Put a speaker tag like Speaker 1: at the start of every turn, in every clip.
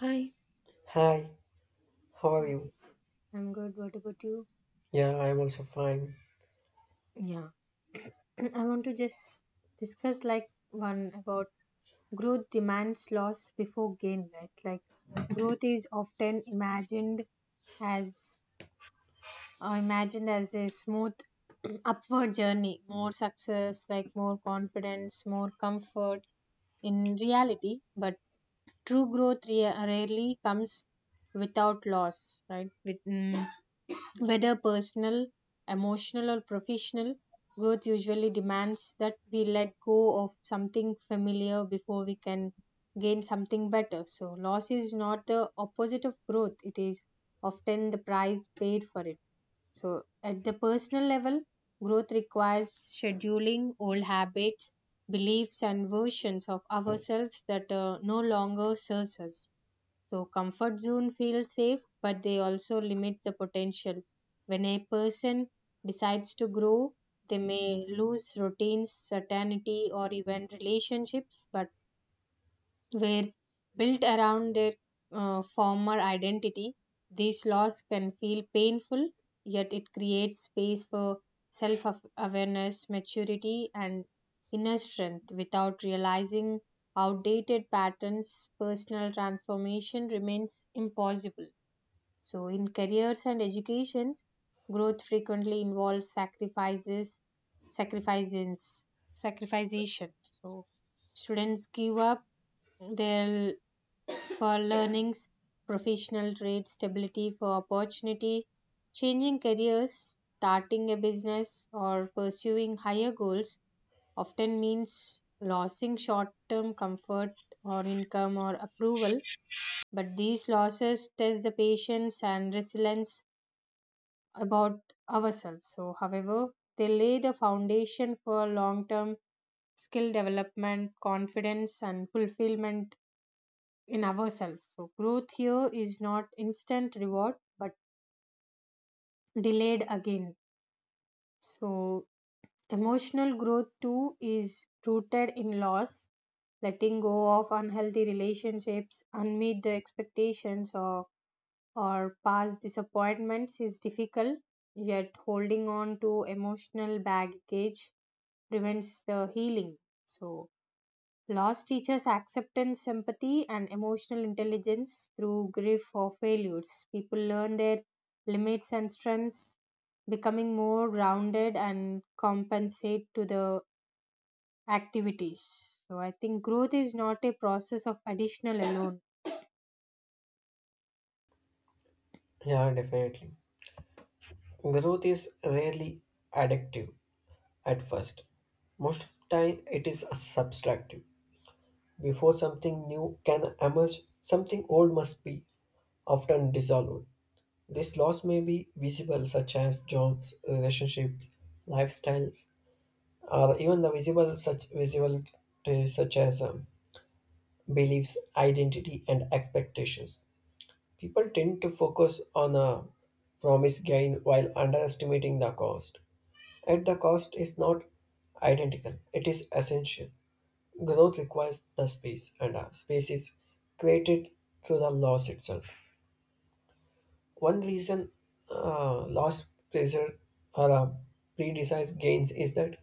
Speaker 1: Hi.
Speaker 2: Hi, how are
Speaker 1: Hi.
Speaker 2: you?
Speaker 1: I'm good. What about you?
Speaker 2: Yeah, I'm also fine.
Speaker 1: Yeah. I want to just discuss like one about growth demands loss before gain, right? Like growth is often imagined as a smooth upward journey, more success, like more confidence, more comfort in reality, but true growth rarely comes without loss, right? Whether personal, emotional, or professional, growth usually demands that we let go of something familiar before we can gain something better. So, loss is not the opposite of growth, it is often the price paid for it. So, at the personal level, growth requires scheduling old habits, beliefs, and versions of ourselves that no longer serves us. So comfort zone feels safe, but they also limit the potential. When a person decides to grow, they may lose routines, certainty, or even relationships, but were built around their former identity. These laws can feel painful, yet it creates space for self awareness, maturity, and inner strength. Without realizing outdated patterns, personal transformation remains impossible. So, in careers and education, growth frequently involves sacrifices, sacrification. So, students give up their for learnings, professional trades, stability for opportunity, changing careers, starting a business, or pursuing higher goals often means losing short term comfort or income or approval. But these losses test the patience and resilience about ourselves. So, however, they lay the foundation for long term skill development, confidence, and fulfillment in ourselves. So growth here is not instant reward but delayed again. So emotional growth too is rooted in loss, letting go of unhealthy relationships, unmet the expectations or past disappointments is difficult, yet holding on to emotional baggage prevents the healing. So loss teaches acceptance, empathy, and emotional intelligence through grief or failures. People learn their limits and strengths, becoming more grounded and compensate to the activities. So I think growth is not a process of additional alone.
Speaker 2: Yeah, definitely. Growth is rarely addictive at first. Most of the time it is subtractive. Before something new can emerge, something old must be often dissolved. This loss may be visible such as jobs, relationships, lifestyles, or even the visible such as beliefs, identity and expectations. People tend to focus on a promise gain while underestimating the cost. Yet the cost is not identical, it is essential. Growth requires the space, and space is created through the loss itself. One reason loss pressure or predesigned gains is that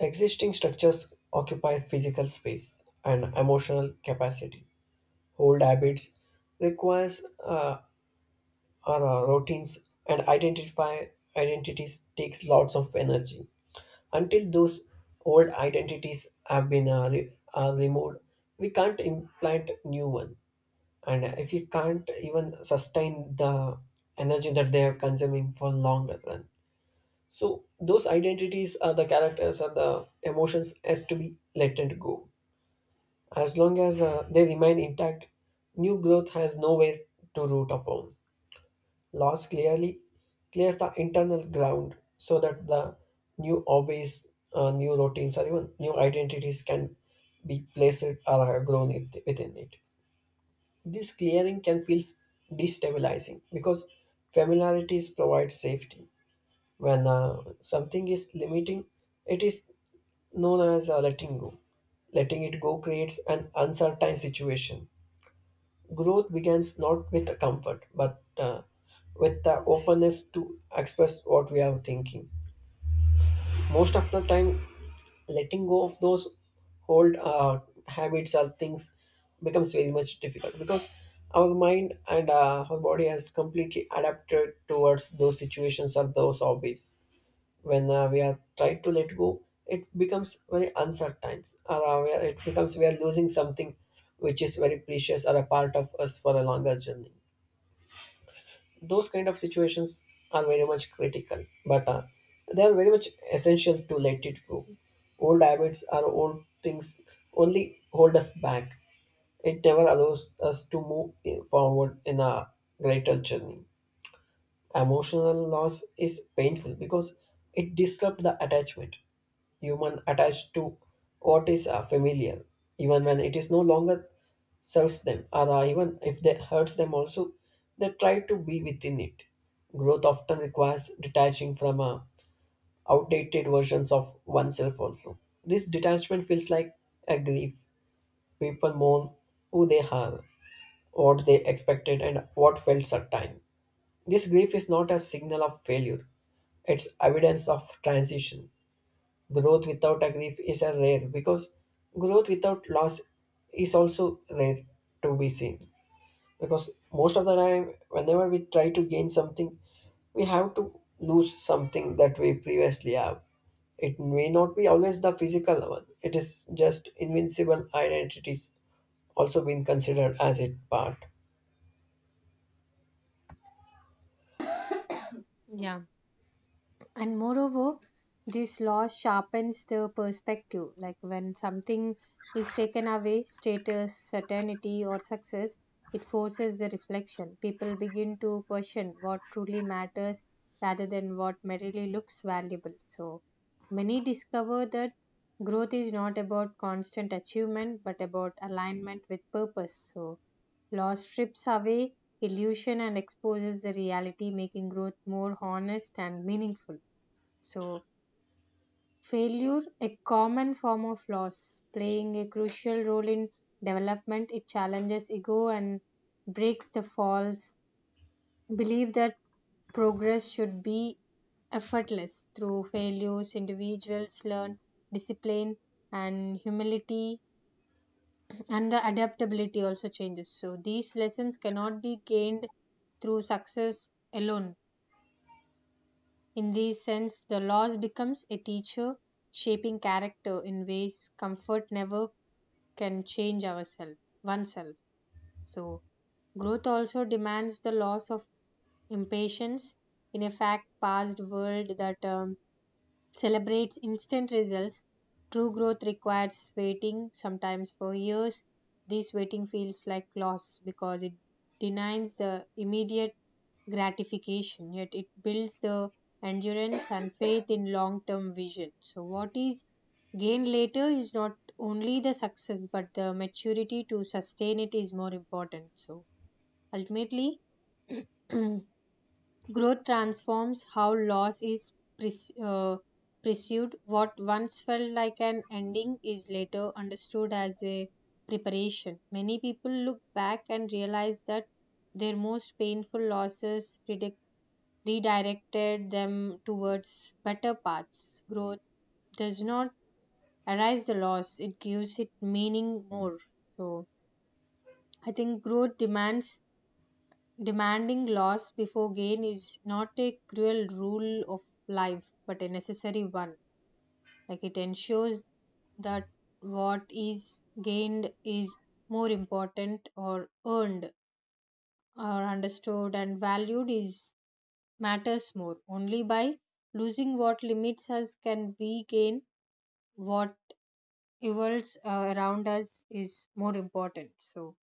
Speaker 2: existing structures occupy physical space and emotional capacity. Old habits requires our routines and identify identities takes lots of energy until those old identities have been removed, we can't implant new one, and if you can't even sustain the energy that they are consuming for longer run, so those identities are the characters and the emotions has to be let it go as long as they remain intact. New growth has nowhere to root upon. Loss clearly clears the internal ground so that the new hobbies, new routines, or even new identities can be placed or are grown within it. This clearing can feel destabilizing because familiarities provide safety. When something is limiting, it is known as letting go. Letting it go creates an uncertain situation. Growth begins not with comfort, but with the openness to express what we are thinking. Most of the time, letting go of those old habits or things becomes very much difficult because our mind and our body has completely adapted towards those situations or those hobbies. When we are trying to let go, it becomes very uncertain, or it becomes we are losing something which is very precious or a part of us for a longer journey. Those kind of situations are very much critical, but they are very much essential to let it go. Old habits are old things, only hold us back. It never allows us to move forward in a greater journey. Emotional loss is painful because it disrupts the attachment. Human attached to what is familiar, even when it is no longer serves them, or even if they hurts them also, they try to be within it. Growth often requires detaching from outdated versions of oneself also. This detachment feels like a grief. People mourn who they are, what they expected, and what felt certain. This grief is not a signal of failure, it's evidence of transition. Growth without a grief is a rare because growth without loss is also rare to be seen. Because most of the time, whenever we try to gain something, we have to lose something that we previously have. It may not be always the physical one, it is just invincible identities also been considered as it part.
Speaker 1: Yeah, and moreover this loss sharpens the perspective, like when something is taken away, status, certainty, or success, it forces the reflection. People begin to question what truly matters rather than what merely looks valuable. So many discover that growth is not about constant achievement but about alignment with purpose. So loss strips away illusion and exposes the reality, making growth more honest and meaningful. So, failure, a common form of loss, playing a crucial role in development, it challenges ego and breaks the false belief that progress should be effortless. Through failures, individuals learn discipline and humility, and the adaptability also changes. So, these lessons cannot be gained through success alone. In this sense, the loss becomes a teacher, shaping character in ways comfort never can change ourselves oneself. So growth also demands the loss of impatience in a fact past world that celebrates instant results. True growth requires waiting, sometimes for years. This waiting feels like loss because it denies the immediate gratification, yet it builds the endurance and faith in long term vision. So, what is gained later is not only the success, but the maturity to sustain it is more important. So, ultimately, growth transforms how loss is pres- uh, pursued. What once felt like an ending is later understood as a preparation. Many people look back and realize that their most painful losses redirected them towards better paths. Growth does not erase the loss, it gives it meaning more. So, I think growth demands demanding loss before gain is not a cruel rule of life, but a necessary one. Like it ensures that what is gained is more important or earned or understood and valued is matters more. Only by losing what limits us can we gain what evolves around us is more important. So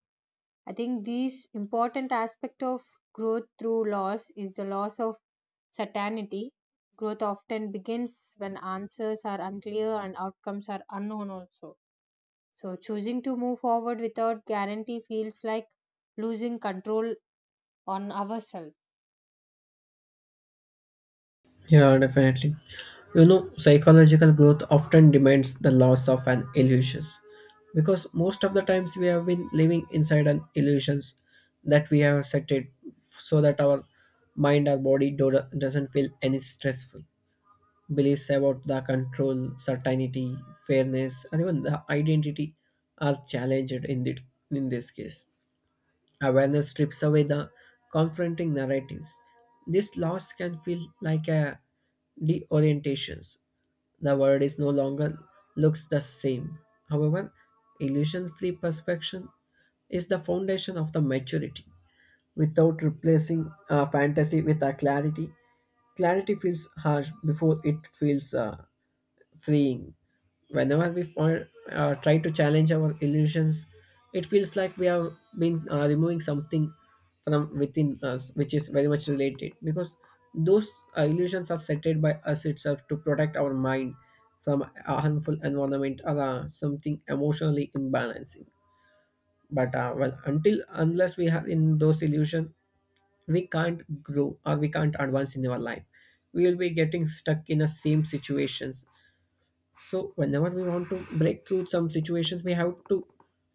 Speaker 1: I think this important aspect of growth through loss is the loss of certainty. Growth often begins when answers are unclear and outcomes are unknown also. So choosing to move forward without guarantee feels like losing control on ourselves.
Speaker 2: Yeah, definitely. You know, psychological growth often demands the loss of an illusions because most of the times we have been living inside an illusions that we have set it so that our mind or body doesn't feel any stressful. Beliefs about the control, certainty, fairness, and even the identity are challenged in this case. Awareness strips away the confronting narratives. This loss can feel like a deorientation. The world is no longer looks the same. However, illusion-free perception is the foundation of the maturity. Without replacing fantasy with a clarity. Clarity feels harsh before it feels freeing. Whenever we fall, try to challenge our illusions, it feels like we have been removing something from within us, which is very much related because those illusions are settled by us itself to protect our mind from a harmful environment or something emotionally imbalancing. But well, until unless we are in those illusions, we can't grow or we can't advance in our life. We will be getting stuck in the same situations, so whenever we want to break through some situations, we have to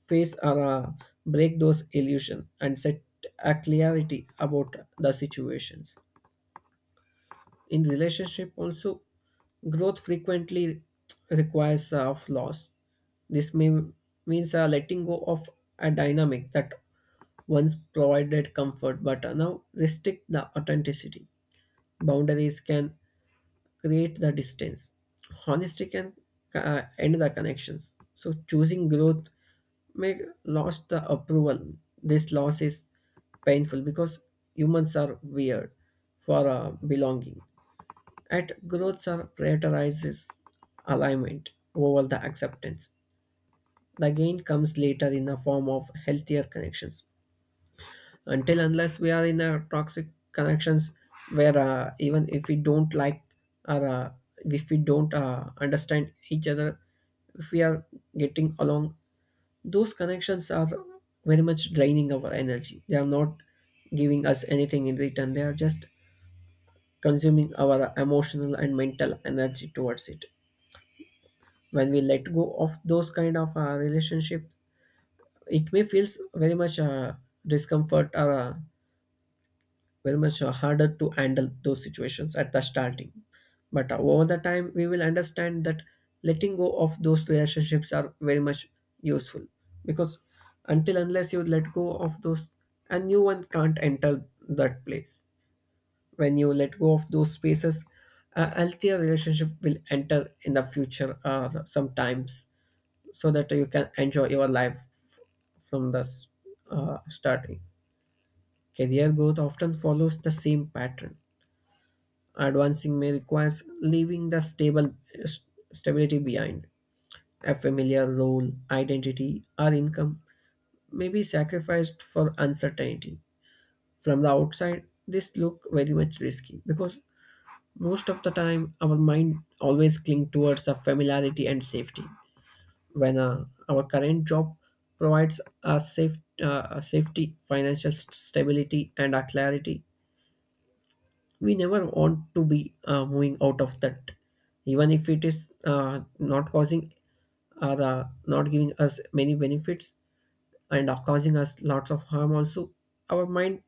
Speaker 2: face or break those illusion and set a clarity about the situations. In relationship also, growth frequently requires of loss. This may means letting go of a dynamic that once provided comfort but now restrict the authenticity. Boundaries can create the distance. Honesty can end the connections. So choosing growth may lost the approval. This loss is painful because humans are weird for belonging. At growths are prioritizes alignment over the acceptance. The gain comes later in the form of healthier connections, until unless we are in a toxic connections where even if we don't like or if we don't understand each other, if we are getting along, those connections are very much draining our energy. They are not giving us anything in return, they are just consuming our emotional and mental energy towards it. When we let go of those kind of relationships, it may feels very much discomfort or very much harder to handle those situations at the starting, but over the time we will understand that letting go of those relationships are very much useful, because until unless you let go of those, a new one can't enter that place. When you let go of those spaces, a healthier relationship will enter in the future sometimes, so that you can enjoy your life from the starting. Career growth often follows the same pattern. Advancing may requires leaving the stable st- stability behind. A familiar role, identity, or income may be sacrificed for uncertainty. From the outside, this look very much risky because most of the time our mind always cling towards a familiarity and safety. When our current job provides us safe, a safety, financial stability, and a clarity, we never want to be moving out of that, even if it is not causing or not giving us many benefits and are causing us lots of harm also. Our mind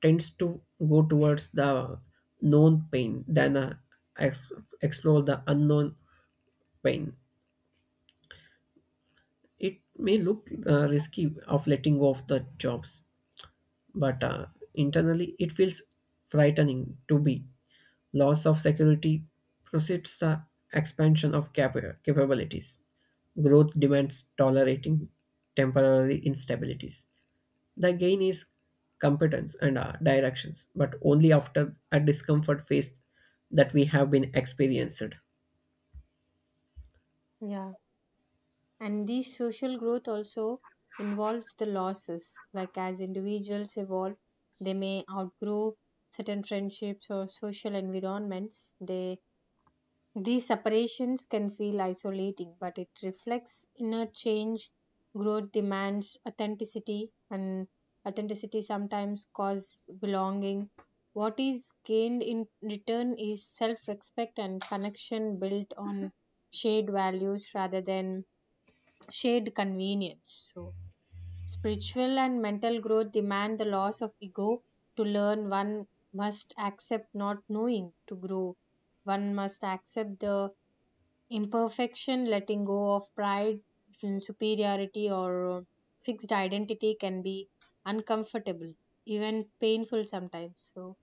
Speaker 2: tends to go towards the known pain than ex- explore the unknown pain. It may look risky of letting go of the jobs, but internally it feels frightening to be. Loss of security precedes the expansion of capabilities. Growth demands tolerating temporary instabilities. The gain is competence and directions, but only after a discomfort phase that we have been experienced.
Speaker 1: Yeah. And this social growth also involves the losses. Like as individuals evolve, they may outgrow certain friendships or social environments. They These separations can feel isolating, but it reflects inner change. Growth demands authenticity, and authenticity sometimes causes belonging. What is gained in return is self respect and connection built on shared values rather than shared convenience. So, spiritual and mental growth demand the loss of ego. To learn, one must accept not knowing to grow. One must accept the imperfection, letting go of pride, superiority, or fixed identity can be uncomfortable, even painful sometimes. So,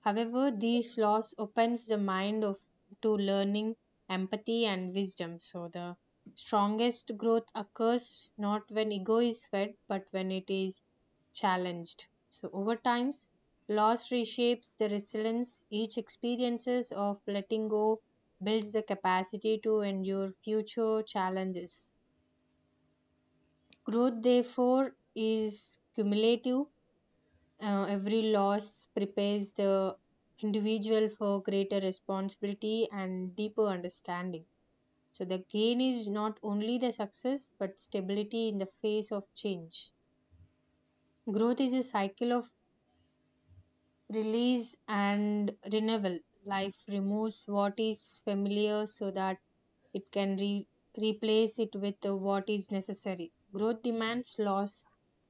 Speaker 1: however, these loss opens the mind of to learning, empathy, and wisdom. So, the strongest growth occurs not when ego is fed, but when it is challenged. So over time, loss reshapes the resilience. Each experiences of letting go builds the capacity to endure future challenges. Growth, therefore, is cumulative. Every loss prepares the individual for greater responsibility and deeper understanding. So the gain is not only the success but stability in the face of change. Growth is a cycle of release and renewal. Life removes what is familiar so that it can replace it with what is necessary. Growth demands loss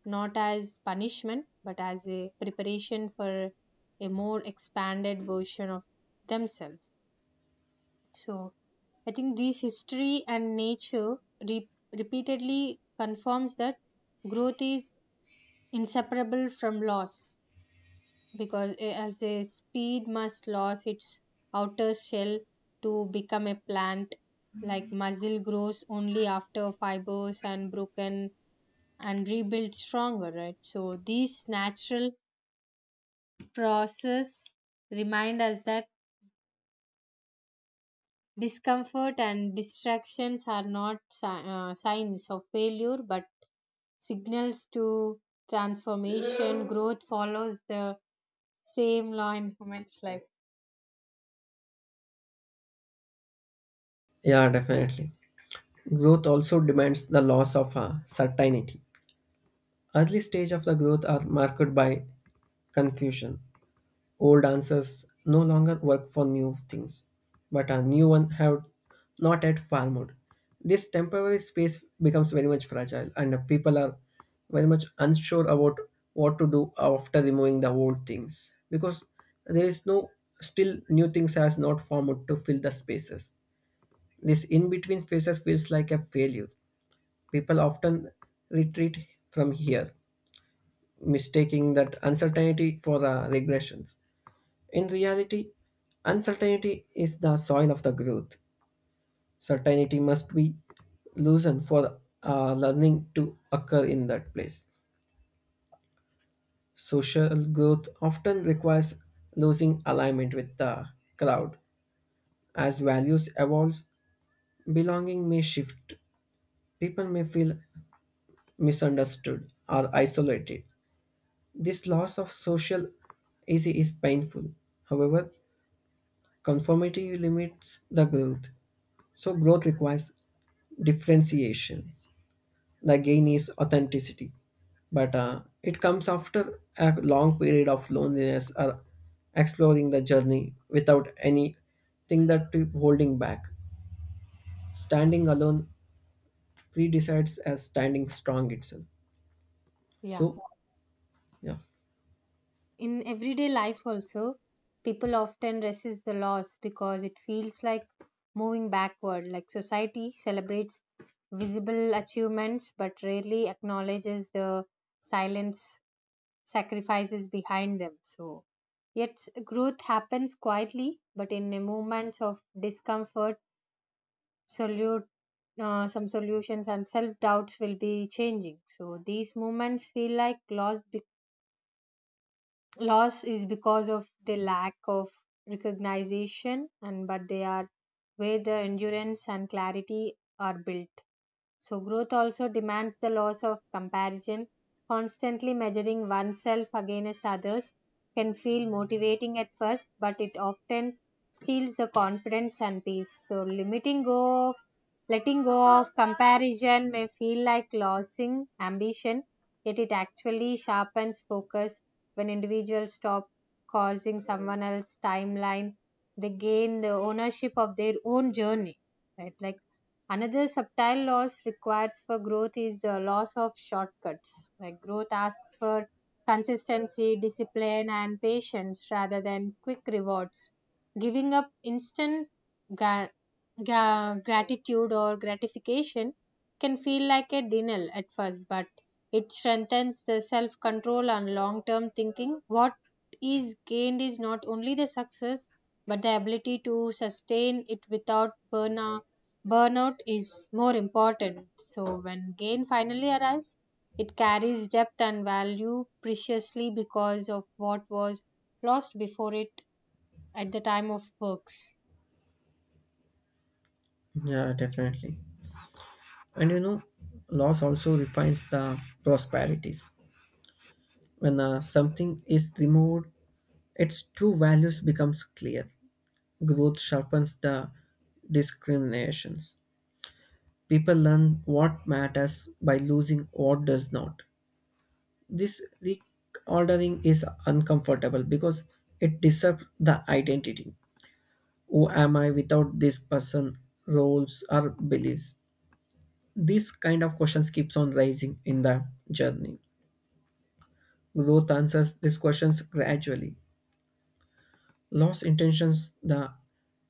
Speaker 1: not as punishment but as a preparation for a more expanded version of themselves. So I think this history and nature re- repeatedly confirms that growth is inseparable from loss because as a seed must lose its outer shell to become a plant, like muscle grows only after fibers and broken and rebuilt stronger, right? So these natural process remind us that discomfort and distractions are not signs of failure but signals to transformation. Growth follows the same law in human life.
Speaker 2: Yeah, definitely. Growth also demands the loss of certainty. Early stage of the growth are marked by confusion. Old answers no longer work for new things, but a new one have not yet formed. This temporary space becomes very much fragile, and people are very much unsure about what to do after removing the old things, because there is no still new things has not formed to fill the spaces. This in between spaces feels like a failure. People often retreat from here, mistaking that uncertainty for regressions. In reality, uncertainty is the soil of the growth. Certainty must be loosened for learning to occur in that place. Social growth often requires losing alignment with the crowd. As values evolve, belonging may shift. People may feel misunderstood or isolated. This loss of social easy is painful. However, conformity limits the growth. So growth requires differentiations. The gain is authenticity, but it comes after a long period of loneliness or exploring the journey without anything that you're holding back. Standing alone pre-decides as standing strong itself.
Speaker 1: Yeah,
Speaker 2: So yeah.
Speaker 1: in everyday life also people often resist the loss because it feels like moving backward, like society celebrates visible achievements but rarely acknowledges the silent sacrifices behind them. So yet growth happens quietly but in the moments of discomfort, solute some solutions and self doubts will be changing, so these moments feel like lost loss is because of the lack of recognition, and but they are where the endurance and clarity are built. So, growth also demands the loss of comparison. Constantly measuring oneself against others can feel motivating at first, but it often steals the confidence and peace. So, limiting go of letting go of comparison may feel like losing ambition, yet it actually sharpens focus when individuals stop causing someone else's timeline. They gain the ownership of their own journey, right? Like another subtle loss required for growth is the loss of shortcuts. Like growth asks for consistency, discipline, and patience rather than quick rewards. Giving up instant ga- gratitude or gratification can feel like a denial at first, but it strengthens the self control and long term thinking. What is gained is not only the success, but the ability to sustain it without burnout. Burnout is more important. So when gain finally arrives, it carries depth and value preciously because of what was lost before it at the time of works.
Speaker 2: Yeah, definitely. And loss also refines the prosperities. When something is removed, its true values becomes clear. Growth sharpens the discriminations. People learn what matters by losing what does not. This reordering is uncomfortable because it disturbs the identity. Who am I without this person, roles, or beliefs? This kind of questions keeps on rising in the journey. Growth answers these questions gradually. Loss intentions the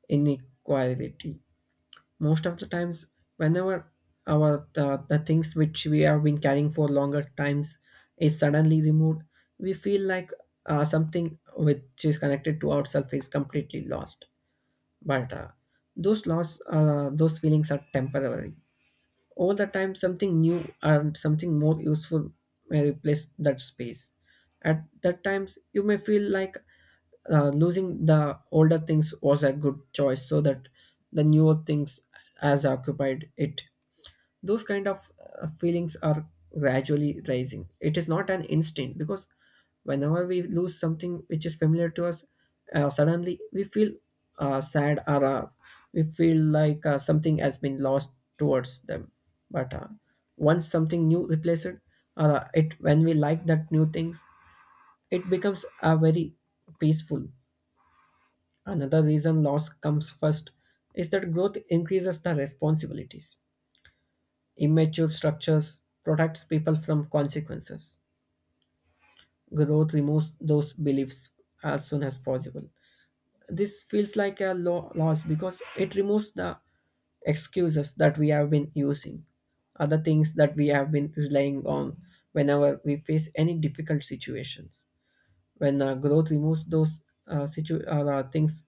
Speaker 2: inequality. Most of the times, whenever the things which we have been carrying for longer times is suddenly removed, we feel like something which is connected to ourself is completely lost, but those feelings are temporary. All the time something new and something more useful may replace that space. At that times you may feel like losing the older things was a good choice, so that the newer things has occupied it. Those kind of feelings are gradually rising, it is not an instinct because whenever we lose something which is familiar to us, suddenly we feel sad or we feel like something has been lost towards them. But once something new replaces it or it when we like that new things, it becomes a very peaceful. Another reason loss comes first is that growth increases the responsibilities. Immature structures protects people from consequences. Growth removes those beliefs as soon as possible. This feels like a loss because it removes the excuses that we have been using, other things that we have been relying on whenever we face any difficult situations. When growth removes those things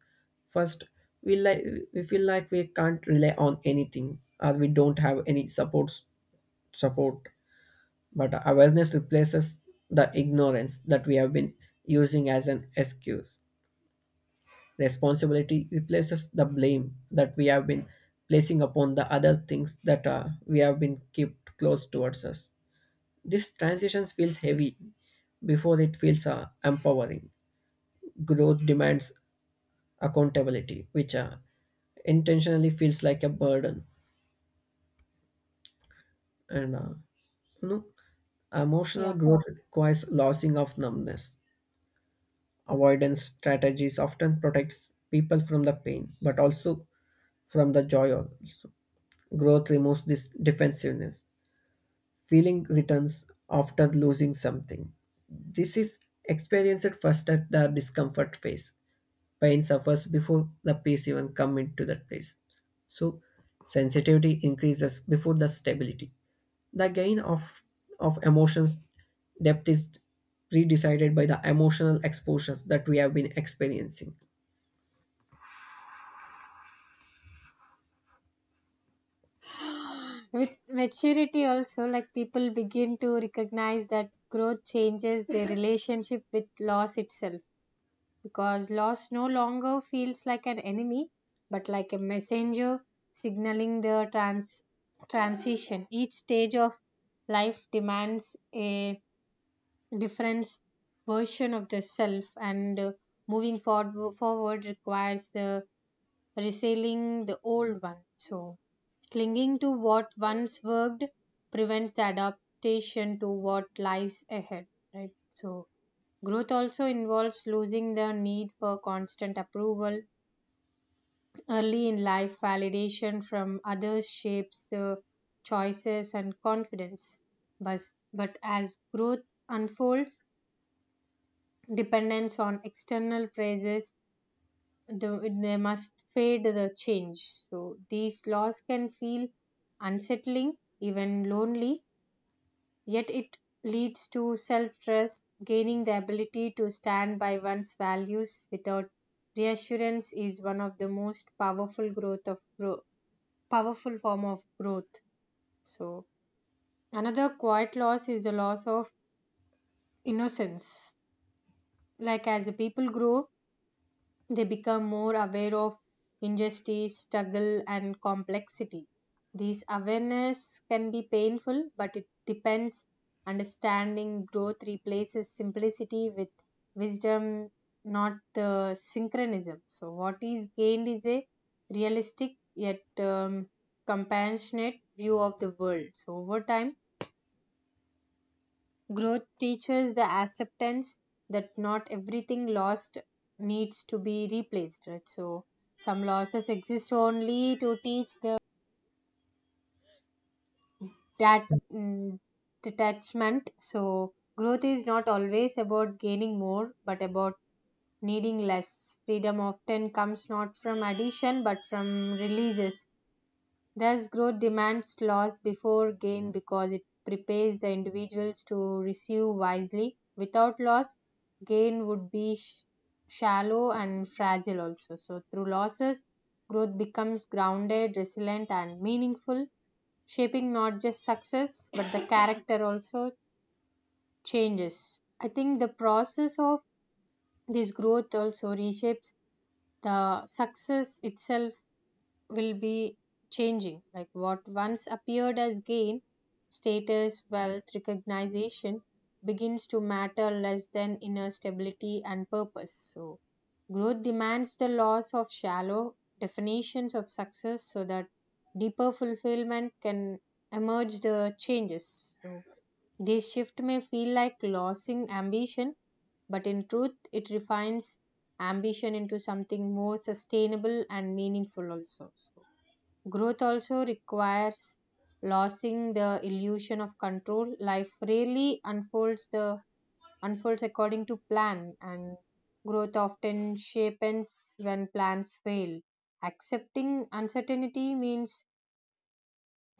Speaker 2: first, we like we feel like we can't rely on anything, or we don't have any support. But awareness replaces the ignorance that we have been using as an excuse. Responsibility replaces the blame that we have been placing upon the other things that we have been kept close towards us. This transition feels heavy before it feels empowering. Growth demands accountability, which intentionally feels like a burden. And you know, emotional
Speaker 1: Yeah.
Speaker 2: growth requires losing of numbness. Avoidance strategies often protects people from the pain, but also from the joy also. Growth removes this defensiveness. Feeling returns after losing something. This is experienced first at the discomfort phase. Pain suffers before the peace even come into that place. So sensitivity increases before the stability. The gain of emotions depth is pre-decided by the emotional exposures that we have been experiencing.
Speaker 1: With maturity also, like people begin to recognize that growth changes their relationship with loss itself, because loss no longer feels like an enemy but like a messenger signaling the transition. Each stage of life demands a different version of the self, and moving forward requires the reselling the old one. So, clinging to what once worked prevents the adaptation to what lies ahead, right? So, growth also involves losing the need for constant approval. Early in life, validation from others shapes the choices and confidence. But, but as growth unfolds, dependence on external praises the, they must fade the change. So these laws can feel unsettling, even lonely, yet it leads to self trust. Gaining the ability to stand by one's values without reassurance is one of the most powerful growth of grow, powerful form of growth. So another quiet loss is the loss of innocence. Like as the people grow, they become more aware of injustice, struggle, and complexity. This awareness can be painful, but it depends. Understanding growth replaces simplicity with wisdom, not the synchronism. So, what is gained is a realistic yet compassionate view of the world. So, over time, growth teaches the acceptance that not everything lost needs to be replaced, right? So some losses exist only to teach the that mm, detachment. So growth is not always about gaining more, but about needing less. Freedom often comes not from addition but from releases. Thus, growth demands loss before gain because it prepares the individuals to receive wisely. Without loss, gain would be shallow and fragile also. So, through losses, growth becomes grounded, resilient, and meaningful, shaping not just success but the character also changes. I think the process of this growth also reshapes the success itself will be changing. Like what once appeared as gain, status, wealth, recognition begins to matter less than inner stability and purpose. So, growth demands the loss of shallow definitions of success so that deeper fulfillment can emerge the changes. So, this shift may feel like losing ambition, but in truth, it refines ambition into something more sustainable and meaningful also. So growth also requires losing the illusion of control. Life rarely unfolds according to plan, and growth often shapes when plans fail. Accepting uncertainty means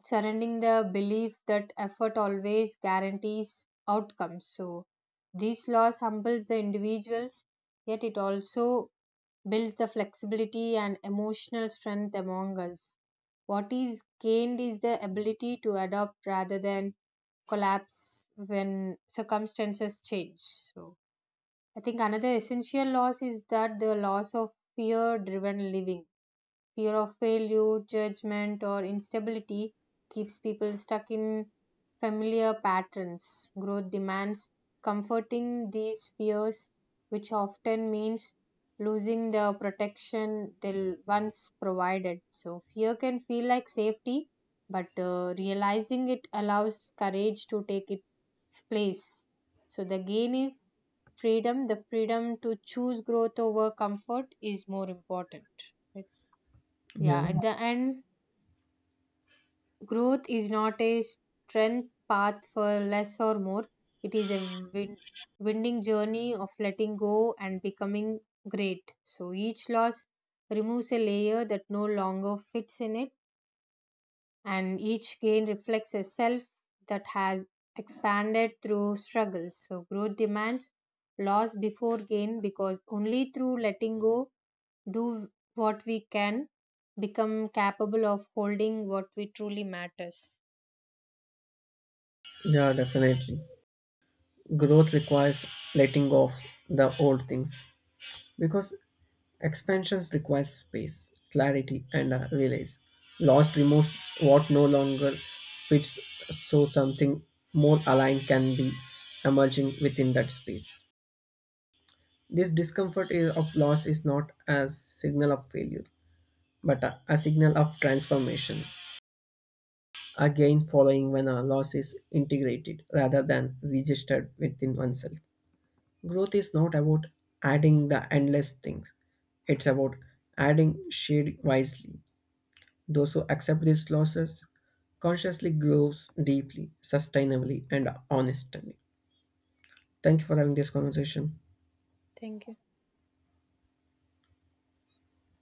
Speaker 1: surrounding the belief that effort always guarantees outcomes. So, this loss humbles the individuals, yet it also builds the flexibility and emotional strength among us. What is gained is the ability to adapt rather than collapse when circumstances change. So, I think another essential loss is that the loss of fear driven living. Fear of failure, judgment, or instability keeps people stuck in familiar patterns. Growth demands comforting these fears, which often means losing the protection they once provided. So, fear can feel like safety, but realizing it allows courage to take its place. So, the gain is freedom, the freedom to choose growth over comfort is more important, right? Yeah,
Speaker 2: Yeah,
Speaker 1: at the end, growth is not a strength path for less or more. It is a win- winding journey of letting go and becoming great. So each loss removes a layer that no longer fits in it, and each gain reflects a self that has expanded through struggle. So growth demands loss before gain because only through letting go do what we can, become capable of holding what we truly matters.
Speaker 2: yeah, definitely. Growth requires letting go of the old things, because expansions requires space, clarity, and a release. Loss removes what no longer fits, so something more aligned can be emerging within that space. This discomfort of loss is not a signal of failure, but a signal of transformation. Again, following when a loss is integrated rather than registered within oneself. Growth is not about adding the endless things. It's about adding shade wisely. Those who accept these losses consciously grows deeply, sustainably, and honestly. Thank you for having this conversation.
Speaker 1: Thank you.